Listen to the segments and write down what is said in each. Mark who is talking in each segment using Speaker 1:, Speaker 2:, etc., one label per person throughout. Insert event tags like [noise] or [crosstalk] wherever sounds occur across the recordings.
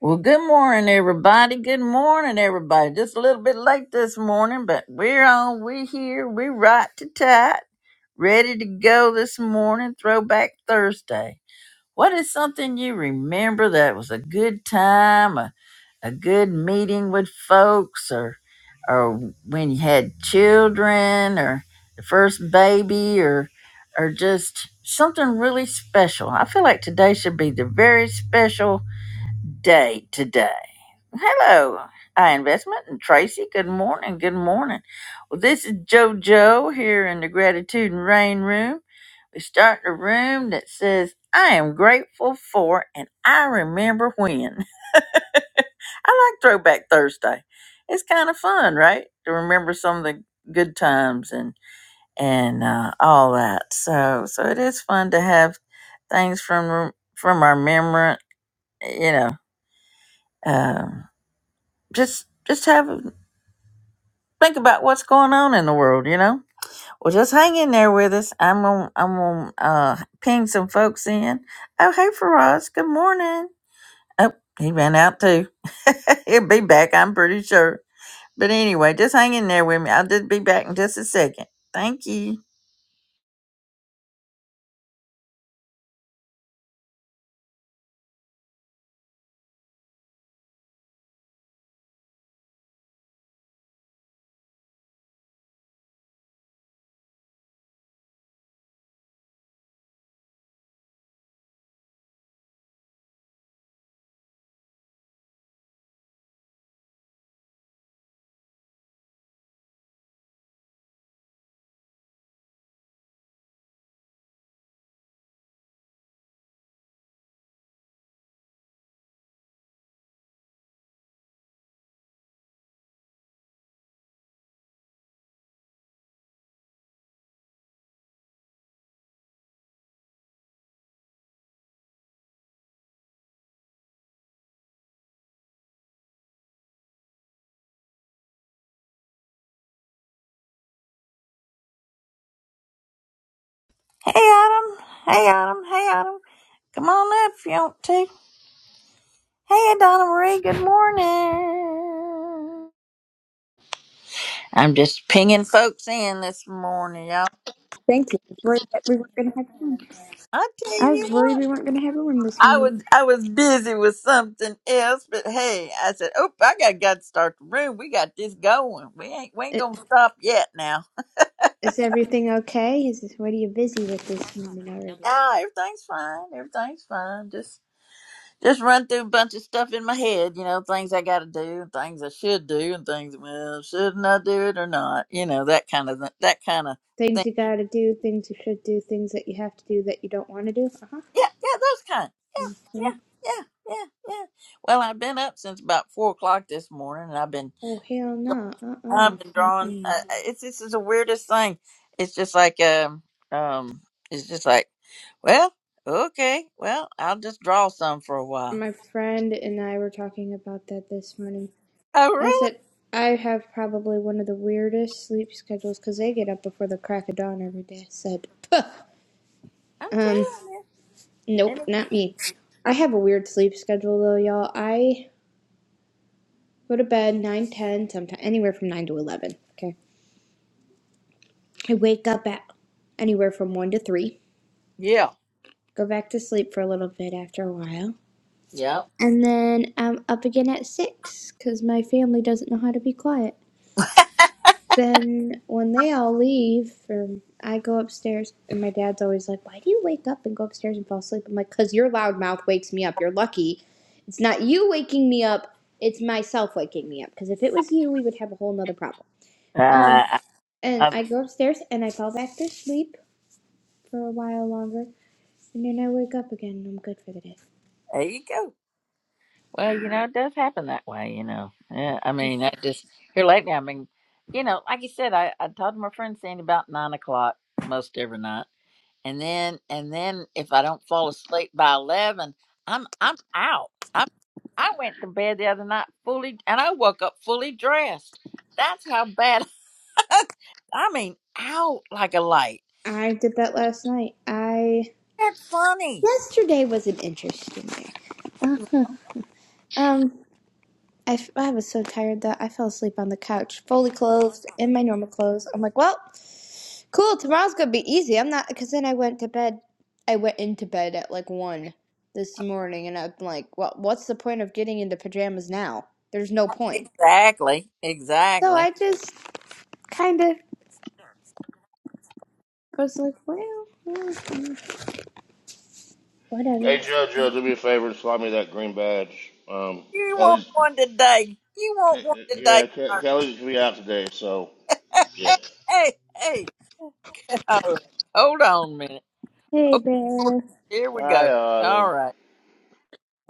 Speaker 1: Well, good morning, everybody. Good morning, everybody. Just a little bit late this morning, but we're on. We're here. We're right to tight, ready to go this morning. Throwback Thursday. What is something you remember that was a good time, a, a good meeting with folks, or or when you had children, or the first baby, or or just something really special? I feel like today should be the very special day today. Hello, I investment and Tracy. Good morning. Good morning. Well, this is JoJo here in the Gratitude and Rain Room. We start the room that says, "I am grateful for," and I remember when. [laughs] I like Throwback Thursday. It's kind of fun, right? To remember some of the good times and and uh, all that. So so it is fun to have things from from our memory. You know, um, just just have think about what's going on in the world, you know? Well, just hang in there with us. I'm going to I'm gonna uh, ping some folks in. Oh, hey, Faraz. Good morning. Oh, he ran out too. [laughs] He'll be back, I'm pretty sure. But anyway, just hang in there with me. I'll just be back in just a second. Thank you. Hey, Adam. Hey, Adam. Hey, Adam. Come on up if you want to. Hey, Donna Marie. Good morning. I'm just pinging folks in this morning, y'all.
Speaker 2: Thank you. I was worried that we weren't going to have room.
Speaker 1: I tell
Speaker 2: I was
Speaker 1: you what.
Speaker 2: worried we weren't going to have a room this
Speaker 1: I
Speaker 2: morning.
Speaker 1: was I was busy with something else, but hey, I said, "Oh, I gotta gotta start the room. We got this going. We ain't we ain't
Speaker 2: I-
Speaker 1: gonna stop yet." Now,
Speaker 2: Is everything okay? Is this, what are you busy with this morning already?
Speaker 1: ah, everything's fine. Everything's fine. Just just run through a bunch of stuff in my head. You know, things I gotta do, and things I should do, and things well, shouldn't I do it or not? You know, that kind of that kind of thing.
Speaker 2: Things you got to do, things you should do, things that you have to do that you don't want to do? Uh-huh.
Speaker 1: Yeah, yeah, those kind. Yeah,
Speaker 2: Okay.
Speaker 1: yeah, yeah, yeah, yeah. Well, I've been up since about four o'clock this morning, and I've been
Speaker 2: Oh, hell no. Uh-uh.
Speaker 1: I've been drawing.
Speaker 2: Mm-mm.
Speaker 1: Uh, it's it's just the weirdest thing. It's just like um um. It's just like, well, okay, well, I'll just draw some for a while.
Speaker 2: My friend and I were talking about that this morning.
Speaker 1: Oh,
Speaker 2: I
Speaker 1: really?
Speaker 2: said, I have probably one of the weirdest sleep schedules because they get up before the crack of dawn every day. I said, Puh.
Speaker 1: I'm
Speaker 2: Um,
Speaker 1: telling you.
Speaker 2: Nope,
Speaker 1: And it-
Speaker 2: not me. I have a weird sleep schedule though, y'all. I go to bed nine, ten, 10, sometimes anywhere from 9 to 11. Okay. I wake up at anywhere from 1 to 3,
Speaker 1: Yeah.
Speaker 2: go back to sleep for a little bit after a while,
Speaker 1: Yep.
Speaker 2: and then I'm up again at 6 because my family doesn't know how to be quiet. Then when they all leave, or I go upstairs, and my dad's always like, "Why do you wake up and go upstairs and fall asleep?" I'm like, "Cause your loud mouth wakes me up. You're lucky. It's not you waking me up. It's myself waking me up. Cause if it was you, we would have a whole nother problem."
Speaker 1: Uh,
Speaker 2: Um,
Speaker 1: I-
Speaker 2: and
Speaker 1: I-
Speaker 2: I go upstairs and I fall back to sleep for a while longer, and then I wake up again and I'm good for the day.
Speaker 1: there you go. Well, you know, it does happen that way. You know. Yeah. I mean, I just here lately. I mean, you know, like you said, I I talked to my friend Sandy about nine o'clock most every night. and then and then if I don't fall asleep by eleven, I'm I'm out. I I went to bed the other night fully, and I woke up fully dressed. That's how bad. [laughs] I mean, out like a light.
Speaker 2: I did that last night. I
Speaker 1: That's funny.
Speaker 2: yesterday was an interesting day. [laughs] Uh-huh. Um. I, f- I was so tired that I fell asleep on the couch, fully clothed in my normal clothes. I'm like, well, cool. Tomorrow's gonna be easy. I'm not because then I went to bed. I went into bed at like one this morning, and I'm like, well, what's the point of getting into pajamas now? There's no point.
Speaker 1: Exactly,
Speaker 2: So
Speaker 1: exactly.
Speaker 2: I just kind of was like, well, okay, whatever.
Speaker 3: Hey Joe, Joe, do me a favor and slide me that green badge. Um,
Speaker 1: You want
Speaker 3: Kelly's,
Speaker 1: one today? You want
Speaker 3: Ke-
Speaker 1: one today?
Speaker 3: yeah, Ke-
Speaker 1: Mark?
Speaker 3: Kelly's gonna be out today, so
Speaker 1: [laughs]
Speaker 3: yeah.
Speaker 1: hey, hey, hey! [laughs] All right, hold on a minute.
Speaker 2: Hey,
Speaker 1: Oh,
Speaker 2: bear.
Speaker 1: here we
Speaker 3: Hi
Speaker 1: go. All
Speaker 3: Autumn.
Speaker 1: right.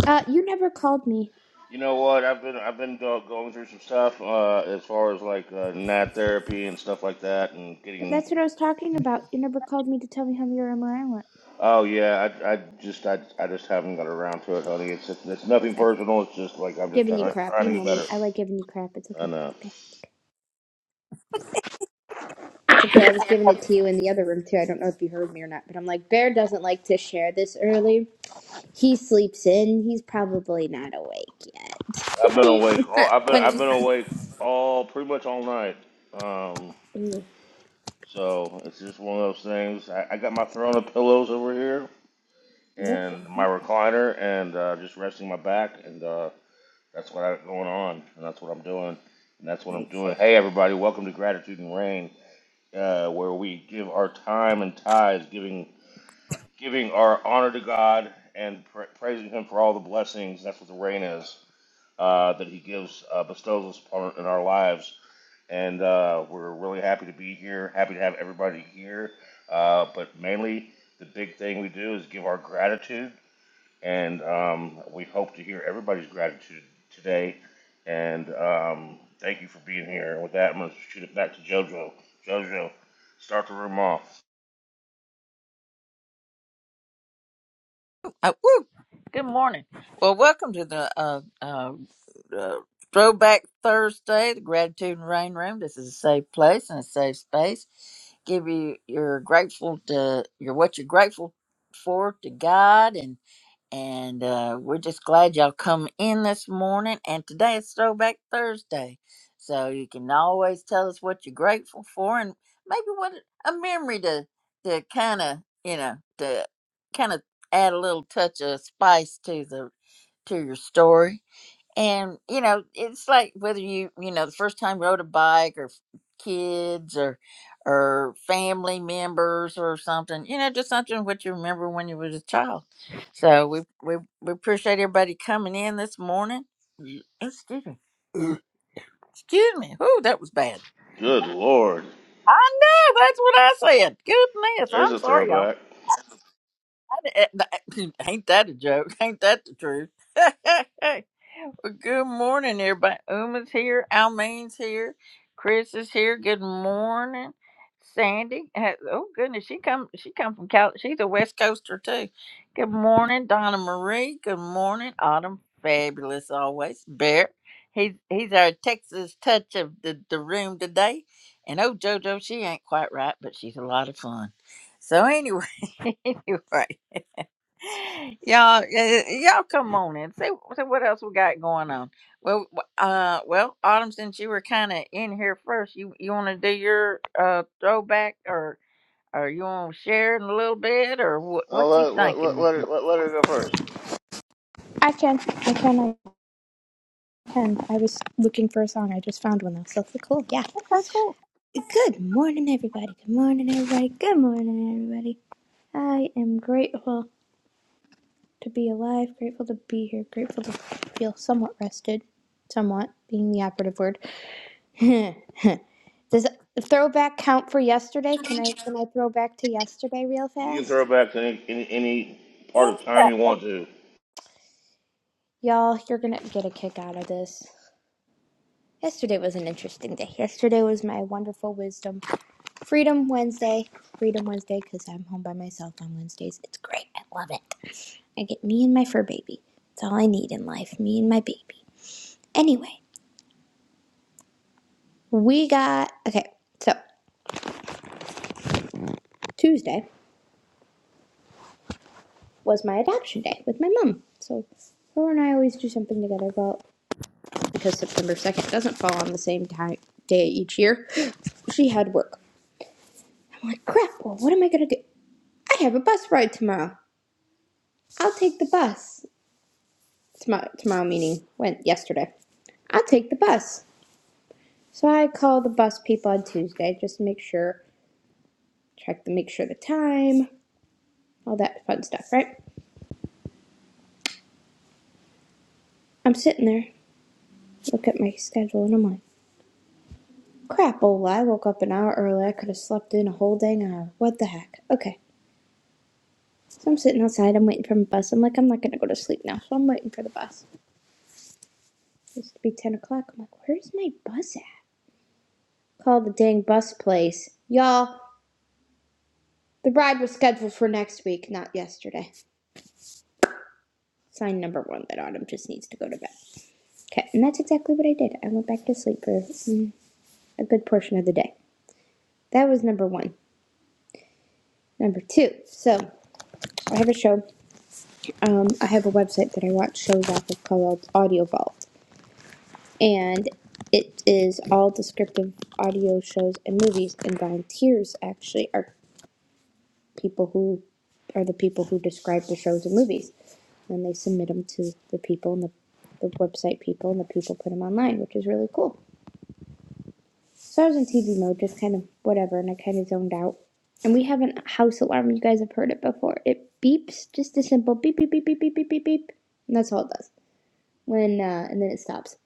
Speaker 2: Uh, you never called me.
Speaker 3: You know what? I've been I've been go- going through some stuff uh, as far as like uh, nat therapy and stuff like that, and getting.
Speaker 2: That's what I was talking about. You never called me to tell me how your MRI went.
Speaker 3: Oh yeah, I, I just I, I just haven't got around to it, honey. It's it's nothing
Speaker 2: Okay.
Speaker 3: personal. It's just like I'm just
Speaker 2: Giving you
Speaker 3: trying
Speaker 2: crap.
Speaker 3: trying
Speaker 2: You
Speaker 3: to get
Speaker 2: know
Speaker 3: better.
Speaker 2: me. I like giving you crap. It's
Speaker 3: I
Speaker 2: okay. It's
Speaker 3: know.
Speaker 2: okay. It's okay. I was giving it to you in the other room too. I don't know if you heard me or not, but I'm like, Bear doesn't like to share this early. He sleeps in. He's probably not
Speaker 3: I've
Speaker 2: awake
Speaker 3: been awake. All,
Speaker 2: yet.
Speaker 3: I've
Speaker 2: [laughs]
Speaker 3: been
Speaker 2: when
Speaker 3: I've
Speaker 2: you...
Speaker 3: been awake all pretty much all night. Um.
Speaker 2: Mm,
Speaker 3: So it's just one of those things. I, I got my throne of pillows over here
Speaker 2: Yep.
Speaker 3: and my
Speaker 2: Mhm.
Speaker 3: recliner and uh, just resting my back, and uh, that's what I got going on, and that's what I'm doing, and that's what I'm
Speaker 2: Yikes.
Speaker 3: doing. Hey, everybody, welcome to Gratitude and Rain, uh, where we give our time and tithes, giving giving our honor to God and pra- praising Him for all the blessings. That's what the rain is uh, that He gives uh, bestows upon in our lives. And uh, we're really happy to be here. Happy to have everybody here. Uh, but mainly, the big thing we do is give our gratitude, and um, we hope to hear everybody's gratitude today. And um, thank you for being here. And with that, I'm going to shoot it back to JoJo. JoJo, start the room off.
Speaker 1: Uh, woo! Good morning. Well, welcome to the uh, uh, uh, Throwback Thursday, the Gratitude and Rain Room. This is a safe place and a safe space. Give you you're grateful to you're what you're grateful for to God and uh, we're just glad y'all come in this morning. And today is Throwback Thursday. So you can always tell us what you're grateful for and maybe what a memory to, to kind of, you know, to kind of add a little touch of spice to the to your story and you know it's like whether you you know the first time rode a bike or f- kids or or family members or something you know just something what you remember when you was a child so we we, we appreciate everybody coming in this morning Y- excuse me excuse me oh that was bad
Speaker 3: Good Lord,
Speaker 1: i know that's what i said goodness
Speaker 3: there's
Speaker 1: i'm
Speaker 3: a
Speaker 1: sorry y'all
Speaker 3: throwback.
Speaker 1: I, di- eh, th- [laughs] ain't that a joke ain't that the truth [laughs] Well, Good morning, everybody. Uma's here. Almeen's here. Chris is here. Good morning, Sandy. ha- Oh goodness, she come. She come from Cal. She's a West Coaster too. Good morning, Donna Marie. Good morning, Autumn. Fabulous always. Bear. He's he's our Texas touch of the the room today. And oh JoJo, she ain't quite right, but she's a lot of fun. So anyway, [laughs] anyway y'all, eh, eh, y'all, come on in. Say, say what else we got going on. Well, w- uh, well, Autumn, since you were kind of in here first, you you want to do your uh throwback, or or you want to share in a little bit, or what?
Speaker 3: Oh,
Speaker 1: What you
Speaker 3: let, let,
Speaker 1: thinking
Speaker 3: let,
Speaker 1: this?
Speaker 3: let, her,
Speaker 1: morning?
Speaker 3: let, let her go first.
Speaker 2: I can, I can, I can. I was looking for a song. I just found one though, so it's cool. Yeah.
Speaker 1: Okay, cool.
Speaker 2: Good morning, everybody. Good morning, everybody. Good morning, everybody. I am grateful. to be alive, grateful to be here, grateful to feel somewhat rested, somewhat being the operative word. [laughs] Does throwback count for yesterday? Can I can I throw back to yesterday real
Speaker 3: You can throw
Speaker 2: fast?
Speaker 3: back to any, any any part of time
Speaker 1: Insight.
Speaker 3: you want to.
Speaker 2: Y'all, you're gonna get a kick out of this. Yesterday was an interesting day. Yesterday was my wonderful wisdom Freedom Wednesday. Freedom Wednesday because I'm home by myself on Wednesdays. It's great. I love it. I get me and my fur baby. That's all I need in life. Me and my baby. Anyway, We got okay. So Tuesday was my adoption day with my mom. So her and I always do something together. But because September second doesn't fall on the same time day each year, she had work. I'm like, crap. Well, what am I gonna do? I have a bus ride tomorrow. I'll take the bus. Tomorrow, tomorrow meaning went yesterday. I'll take the bus. So I call the bus people on Tuesday just to make sure, check to make sure the time, all that fun stuff, right? I'm sitting there, look at my schedule, and I'm like. Crapola, I woke up an hour early. I could have slept in a whole dang hour. What the heck? Okay. So I'm sitting outside. I'm waiting for my bus. I'm like, I'm not going to go to sleep now. So I'm waiting for the bus. It used to be 10 o'clock. I'm like, where's my bus at? Call the dang bus place. Y'all, the ride was scheduled for next week, not yesterday. Sign number one that Autumn just needs to go to bed. Okay. And that's exactly what I did. I went back to sleep for mm, a good portion of the day. That was number one. Number two. So I have a show um, I have a website that I watch shows off of called Audio Vault, and it is all descriptive audio shows and movies. And volunteers actually are people who are the people who describe the shows and movies, and they submit them to the people and the, the website people, and the people put them online, which is really cool. So I was in TV mode, just kind of whatever, and I kind of zoned out. And we have a house alarm. You guys have heard it before. It beeps, just a simple beep, beep, beep, beep, beep, beep, beep, beep, beep, and that's all it does. When uh, and then it stops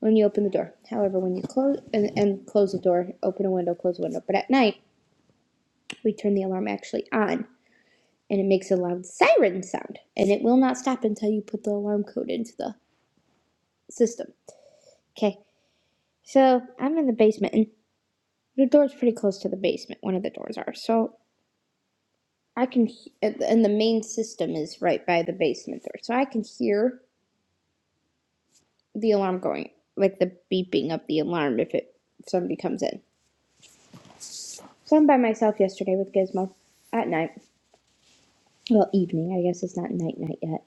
Speaker 2: when you open the door. However, when you close and, and close the door, open a window, close a window. But at night, we turn the alarm actually on, and it makes a loud siren sound, and it will not stop until you put the alarm code into the system. Okay, so I'm in the basement, and the door's pretty close to the basement. One of the doors are, so I can, and and the main system is right by the basement door, so I can hear the alarm going, like the beeping of the alarm if it if somebody comes in. So I'm by myself yesterday with Gizmo. At night. Well, evening. I guess it's not night night yet.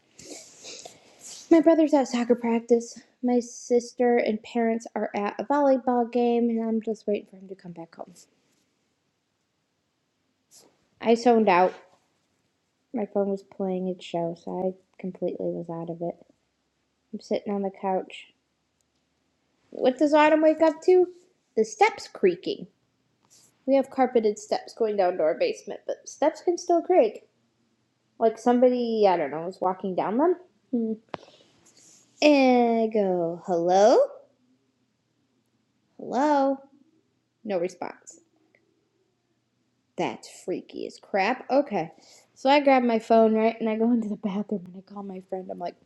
Speaker 2: My brother's at soccer practice. My sister and parents are at a volleyball game, and I'm just waiting for him to come back home. I zoned out. My phone was playing its show, so I completely was out of it. I'm sitting on the couch. What does Autumn wake up to? The steps creaking. We have carpeted steps going down to our basement, but steps can still creak. Like somebody, I don't know, is walking down them. And I go, hello? Hello? No response. That's freaky as crap. Okay. So I grab my phone, right? And I go into the bathroom and I call my friend. I'm like,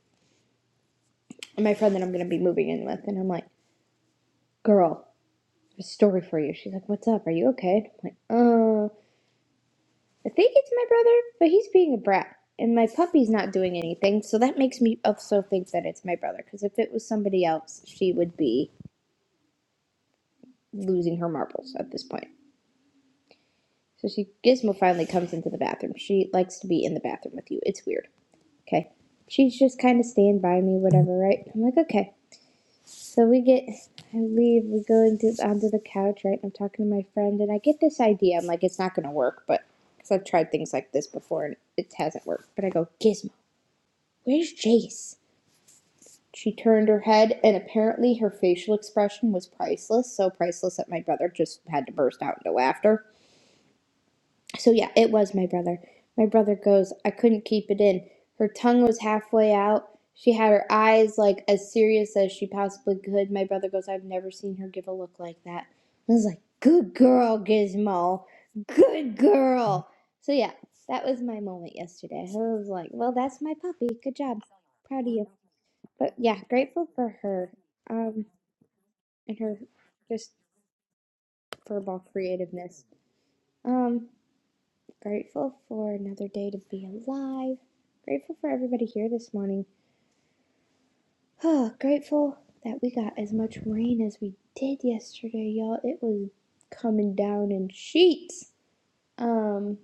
Speaker 2: my friend that I'm going to be moving in with. And I'm like, girl, there's a story for you. She's like, what's up? Are you okay? And I'm like, uh, I think it's my brother, but he's being a brat. And my puppy's not doing anything. So that makes me also think that it's my brother. Because if it was somebody else, she would be losing her marbles at this point. So she Gizmo finally comes into the bathroom. She likes to be in the bathroom with you. It's weird. Okay. She's just kind of staying by me, whatever, right? I'm like, okay. So we get, I leave, we go into onto the couch, right? I'm talking to my friend, and I get this idea. I'm like, it's not gonna work, but because I've tried things like this before and it hasn't worked. But I go, Gizmo, where's Jace? She turned her head, and apparently her facial expression was priceless. So priceless that my brother just had to burst out into laughter. So yeah, it was my brother. My brother goes, I couldn't keep it in. Her tongue was halfway out. She had her eyes like as serious as she possibly could. My brother goes, I've never seen her give a look like that. I was like, Good girl, Gizmo. Good girl. So yeah, that was my moment yesterday. I was like, Well, that's my puppy. Good job. Proud of you. But yeah, grateful for her. Um and her just furball creativeness. Um Grateful for another day to be alive. Grateful for everybody here this morning. [sighs] Oh, grateful that we got as much rain as we did yesterday, y'all. It was coming down in sheets. Um,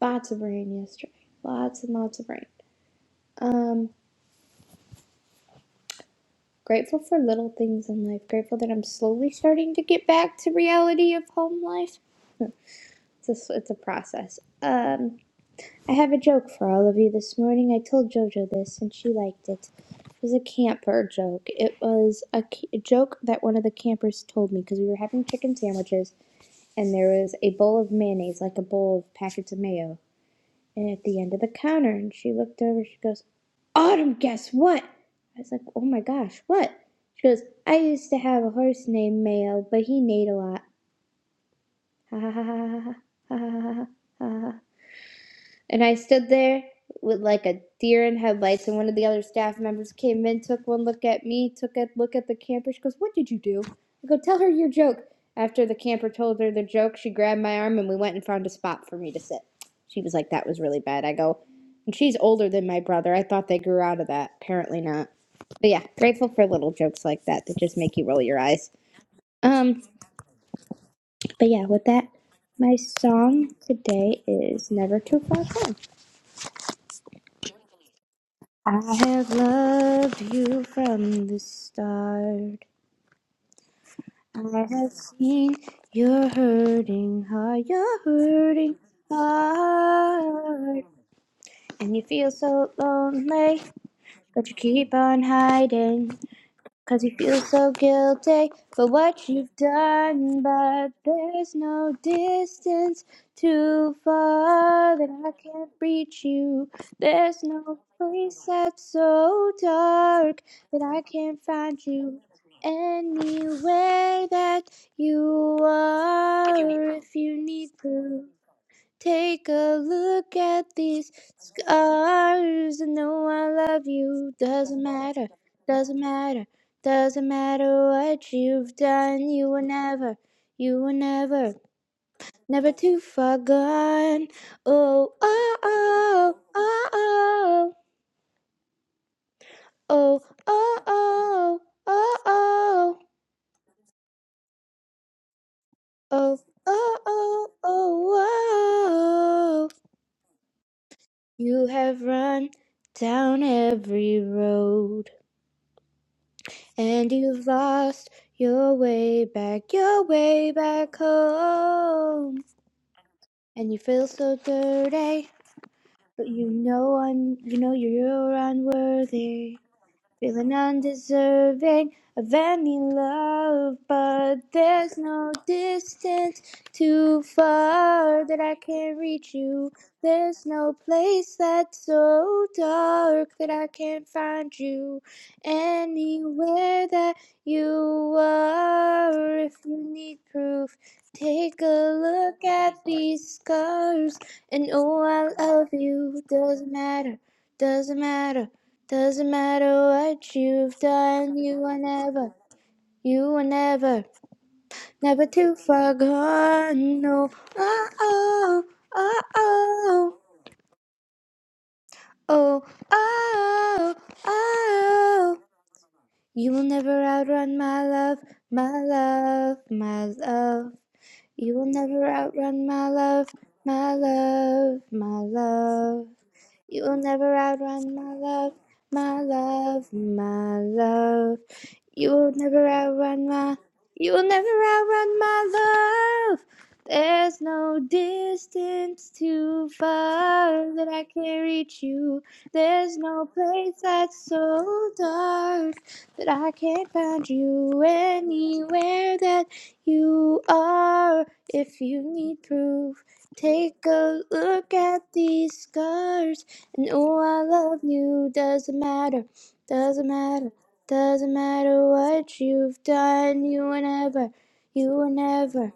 Speaker 2: lots of rain yesterday. Lots and lots of rain. Um, grateful for little things in life. Grateful that I'm slowly starting to get back to reality of home life. It's a, it's a process. Um, I have a joke for all of you this morning. I told JoJo this and she liked it. It was a camper joke. It was a a joke that one of the campers told me because we were having chicken sandwiches and there was a bowl of mayonnaise, like a bowl of packets of mayo, and at the end of the counter. And she looked over, she goes, Autumn, guess what? I was like, oh my gosh, what? She goes, I used to have a horse named Mayo, but he neighed a lot. Ha ha ha ha ha ha ha ha ha ha ha ha And I stood there with like a deer in headlights, and one of the other staff members came in, took one look at me, took a look at the camper. She goes, What did you do? I go, Tell her your joke. After the camper told her the joke, she grabbed my arm and we went and found a spot for me to sit. She was like, That was really bad. I go, And she's older than my brother. I thought they grew out of that. Apparently not. But yeah, grateful for little jokes like that that just make you roll your eyes. Um, but yeah, with that, my song today is Never Too Far Gone. I have loved you from the start. I have seen your hurting heart, your hurting heart. And you feel so lonely, but you keep on hiding. Cause you feel so guilty for what you've done, but there's no distance too far that I can't reach you. There's no place that's so dark that I can't find you. Anywhere that you are, if you need proof. Take a look at these scars and know I love you. Doesn't matter, doesn't matter, doesn't matter what you've done. You were never, you were never, never too far gone. Oh, oh, oh, oh, oh, oh, oh, oh, oh, oh, oh, oh, oh, oh, oh. You have run down every road. And you've lost your way back, your way back home. And you feel so dirty, but you know un- you know you're unworthy. Feeling undeserving of any love, but there's no distance too far that I can't reach you. There's no place that's so dark that I can't find you. Anywhere that you are, if you need proof, take a look at these scars and oh, I love you. Doesn't matter, doesn't matter. Doesn't matter what you've done, you are never, you are never, never too far gone. No, oh, oh, oh, oh, oh, oh, oh. You will never outrun my love, my love, my love. You will never outrun my love, my love, my love. You'll never outrun my love, my love, my love. You'll never outrun my, you'll never outrun my love. There's no distance too far that I can't reach you. There's no place that's so dark that I can't find you anywhere that you are. If you need proof, take a look at these scars. And oh, I love you. Doesn't matter, doesn't matter, doesn't matter what you've done. You were never, you were never,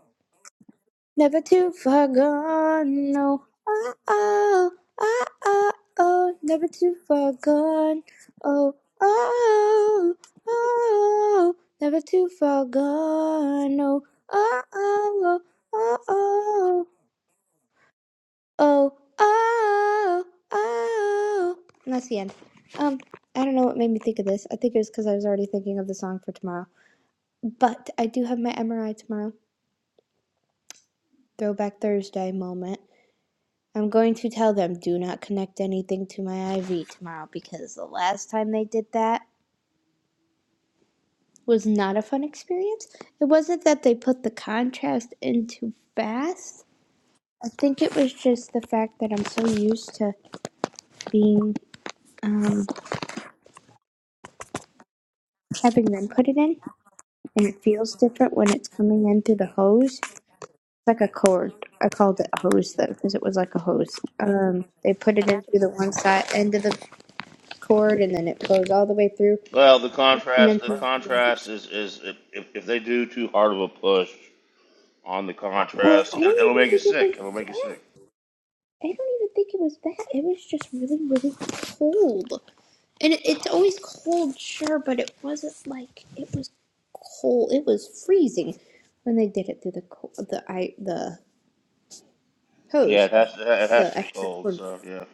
Speaker 2: never too far gone. No, oh, oh, oh, oh, oh, never too far gone. Oh, oh, oh, oh, never too far gone. No, oh, oh, oh, oh, oh. Oh, oh, oh. And that's the end. Um, I don't know what made me think of this. I think it was because I was already thinking of the song for tomorrow. But I do have my MRI tomorrow. Throwback Thursday moment. I'm going to tell them do not connect anything to my IV tomorrow because the last time they did that was not a fun experience. It wasn't that they put the contrast in too fast. I think it was just the fact that I'm so used to being um, having them put it in and it feels different when it's coming in through the hose. It's like a cord. I called it a hose though because it was like a hose. Um, they put it in through the one side end of the cord, and then it goes all the way through,
Speaker 3: Well, the
Speaker 2: and
Speaker 3: contrast
Speaker 2: then
Speaker 3: the
Speaker 2: through.
Speaker 3: contrast is is if, if if they do too hard of a push on the
Speaker 2: Well,
Speaker 3: contrast,
Speaker 2: I
Speaker 3: it,
Speaker 2: don't
Speaker 3: it'll
Speaker 2: even
Speaker 3: make you
Speaker 2: think it
Speaker 3: sick. It'll
Speaker 2: was
Speaker 3: make you
Speaker 2: that.
Speaker 3: sick.
Speaker 2: I don't even think it was that. It was just really, really cold, and it, it's always cold, sure, but it wasn't like it was cold. It was freezing when they did it through the co- the I the
Speaker 3: Yeah,
Speaker 2: hose,
Speaker 3: it has to it has
Speaker 2: the
Speaker 3: to be
Speaker 2: extra
Speaker 3: cold.
Speaker 2: cord.
Speaker 3: So yeah,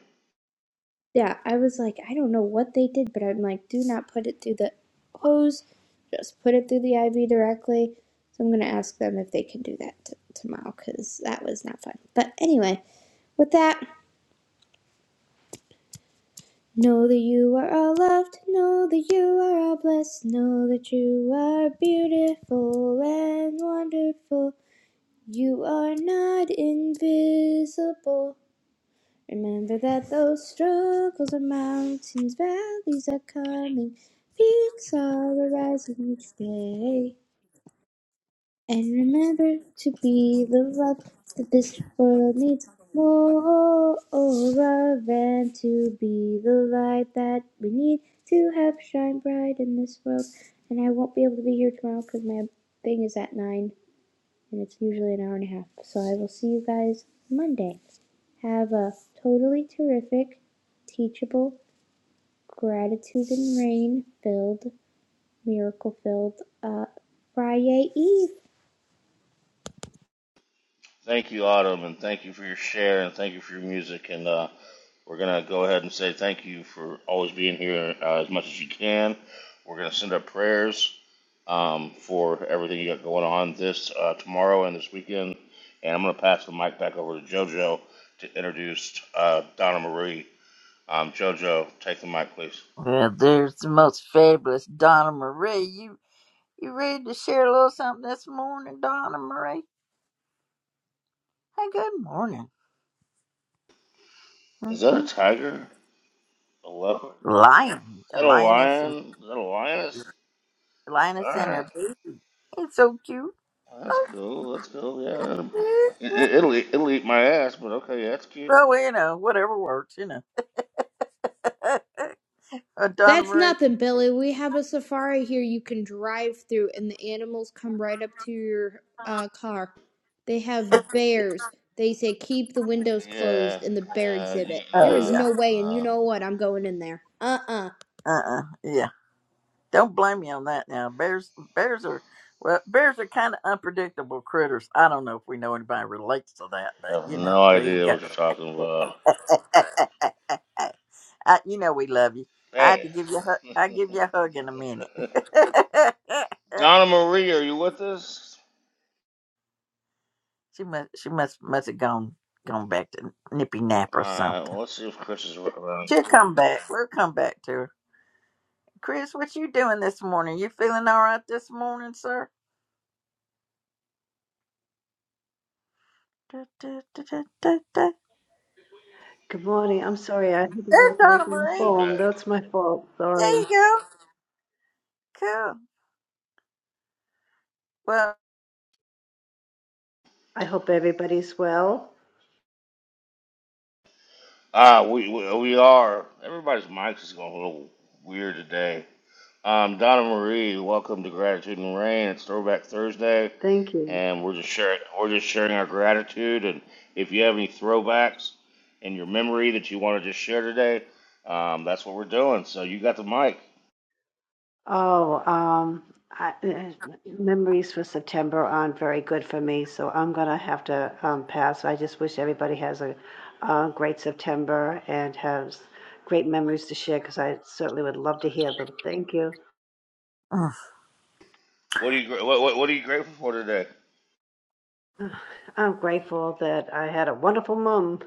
Speaker 2: Yeah, I was like, I don't know what they did, but I'm like, do not put it through the hose, just put it through the IV directly. So I'm going to ask them if they can do that t- tomorrow because that was not fun. But anyway, with that, know that you are all loved, know that you are all blessed, know that you are beautiful and wonderful. You are not invisible. Remember that those struggles are mountains, valleys are coming, peaks are arising each day. And remember to be the love that this world needs more of, and to be the light that we need to have shine bright in this world. And I won't be able to be here tomorrow because my thing is at 9 and it's usually an hour and a half. So I will see you guys Monday. Have a totally terrific, teachable, gratitude and rain filled, miracle filled uh, Friday Eve.
Speaker 3: thank you, Autumn, and thank you for your share, and thank you for your music, and uh, we're gonna go ahead and say thank you for always being here uh, as much as you can. We're gonna send up prayers um, for everything you got going on this uh, tomorrow and this weekend. And I'm going to pass the mic back over to JoJo to introduce uh, Donna Marie. Um, JoJo, take the mic, please.
Speaker 1: Well, there's the most fabulous Donna Marie. You you ready to share a little something this morning, Donna Marie? Hey, good morning.
Speaker 3: Is
Speaker 1: hmm
Speaker 3: that a tiger? A leopard? Is
Speaker 1: Lion, a
Speaker 3: that a
Speaker 1: lioness and
Speaker 3: lion? Is that a lioness? All
Speaker 1: lioness and
Speaker 3: right,
Speaker 1: her baby. It's so cute.
Speaker 3: that's
Speaker 1: Oh,
Speaker 3: cool. That's cool. Yeah, it,
Speaker 1: yeah.
Speaker 3: it, it'll eat- it'll eat my ass, but okay, yeah, that's cute.
Speaker 1: Well, you know, whatever works, you know. [laughs] uh, Donna
Speaker 2: That's
Speaker 1: Marie.
Speaker 2: nothing, Billy. We have a safari here you can drive through, and the animals come right up to your uh, car. They have bears. They say keep the windows
Speaker 3: Yeah,
Speaker 2: closed in the bear
Speaker 3: yeah. You,
Speaker 2: exhibit. There
Speaker 1: Oh
Speaker 2: is
Speaker 3: no,
Speaker 2: no
Speaker 1: yeah.
Speaker 2: way, and you
Speaker 3: no,
Speaker 2: know what? I'm going in there. Uh uh
Speaker 1: Uh-uh. Yeah. Don't blame me on that now. Bears bears are well, bears are kind of unpredictable critters. I don't know if we know anybody relates to that,
Speaker 3: I
Speaker 1: but
Speaker 3: have
Speaker 1: you know,
Speaker 3: no
Speaker 1: there you
Speaker 3: idea
Speaker 1: go.
Speaker 3: what you're talking about.
Speaker 1: [laughs] I, you know we love you. I had
Speaker 3: Hey.
Speaker 1: to give you a hug. I give you a hug in a minute.
Speaker 3: [laughs]
Speaker 1: [laughs]
Speaker 3: Donna Marie, are you with us?
Speaker 1: she must she must must have gone gone back to nippy nap
Speaker 3: All
Speaker 1: or
Speaker 3: right,
Speaker 1: something.
Speaker 3: well, let's see if Chris is around.
Speaker 1: She'll come back. We'll come back to her. Chris, what you doing this morning? You feeling all right this morning, sir? Da, da, da, da, da, da.
Speaker 4: Good morning. I'm sorry, I had to
Speaker 1: There's
Speaker 4: walk away
Speaker 1: Donna
Speaker 4: from the
Speaker 1: Marie.
Speaker 3: She's
Speaker 4: phone.
Speaker 3: back.
Speaker 4: That's my fault.
Speaker 1: There
Speaker 4: Sorry.
Speaker 1: you go. Cool. Well.
Speaker 4: I hope everybody's well.
Speaker 3: Ah, we, we we are. Everybody's mics is going a little weird today. Um, Donna Marie, welcome to Gratitude and Rain. It's Throwback Thursday,
Speaker 4: Thank you.
Speaker 3: and we're just sharing we're just sharing our gratitude. And if you have any throwbacks in your memory that you want to just share today, um, that's what we're doing. So you got the mic.
Speaker 4: Oh, um, I, eh, memories for September aren't very good for me, so I'm gonna have to um, pass. I just wish everybody has a, a great September and has great memories to share because I certainly would love to hear them. Thank you.
Speaker 1: [sighs]
Speaker 3: What are you gr- what, what what are you grateful for today?
Speaker 4: I'm grateful that I had a wonderful mom.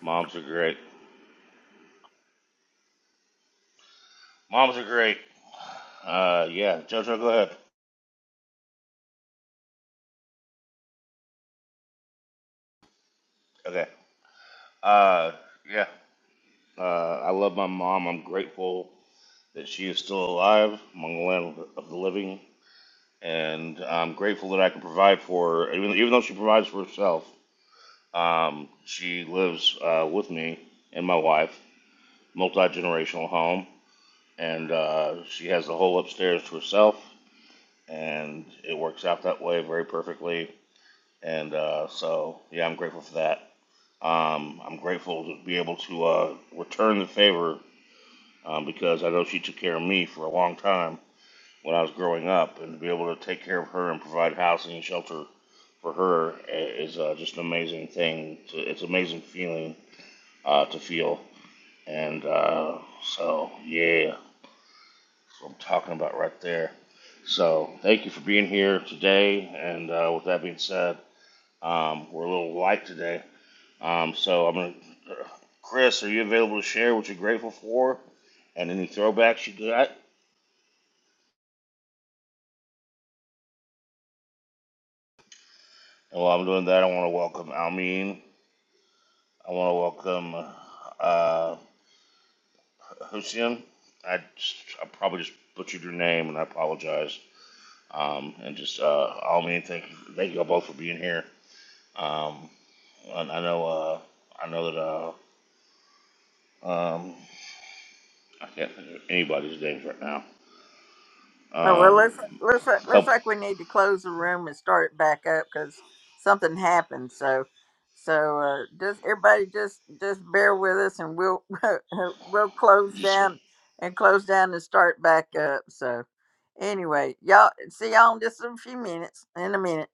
Speaker 3: Moms are great. Moms are great. Uh, yeah, Jojo, go ahead. Okay. Uh, yeah. Uh, I love my mom. I'm grateful that she is still alive among the land of the living, and I'm grateful that I can provide for her. Even even though she provides for herself, um, she lives uh, with me and my wife, multi generational home, and uh, she has the whole upstairs to herself, and it works out that way very perfectly. And uh, so, yeah, I'm grateful for that. Um, I'm grateful to be able to uh, return the favor um, because I know she took care of me for a long time when I was growing up, and to be able to take care of her and provide housing and shelter for her uh, is uh, just an amazing thing. To, it's an amazing feeling uh, to feel, and uh, so yeah, that's what I'm talking about right there. So thank you for being here today, and uh, with that being said, um, we're a little light today Um, so I'm gonna, Chris, are you available to share what you're grateful for and any throwbacks you got? And while I'm doing that, I want to welcome Almeen. I want to welcome uh, Hussein. I, just, I probably just butchered your name, and I apologize. Um, and just uh, Almeen, thank you, thank you all both for being here. Um, and I know, uh, I know that uh, um, I can't think of anybody's names right now.
Speaker 1: Oh well,
Speaker 3: Um,
Speaker 1: looks looks
Speaker 3: a
Speaker 1: like- looks
Speaker 3: couple,
Speaker 1: like we need to close the room and start it back up because something happened. So, so uh, just everybody just just bear with us, and we'll [laughs] we'll close
Speaker 3: just.
Speaker 1: down and close down and start back up. So, anyway, y'all see y'all in just a few minutes. In a minute,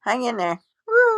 Speaker 1: hang in there. Woo!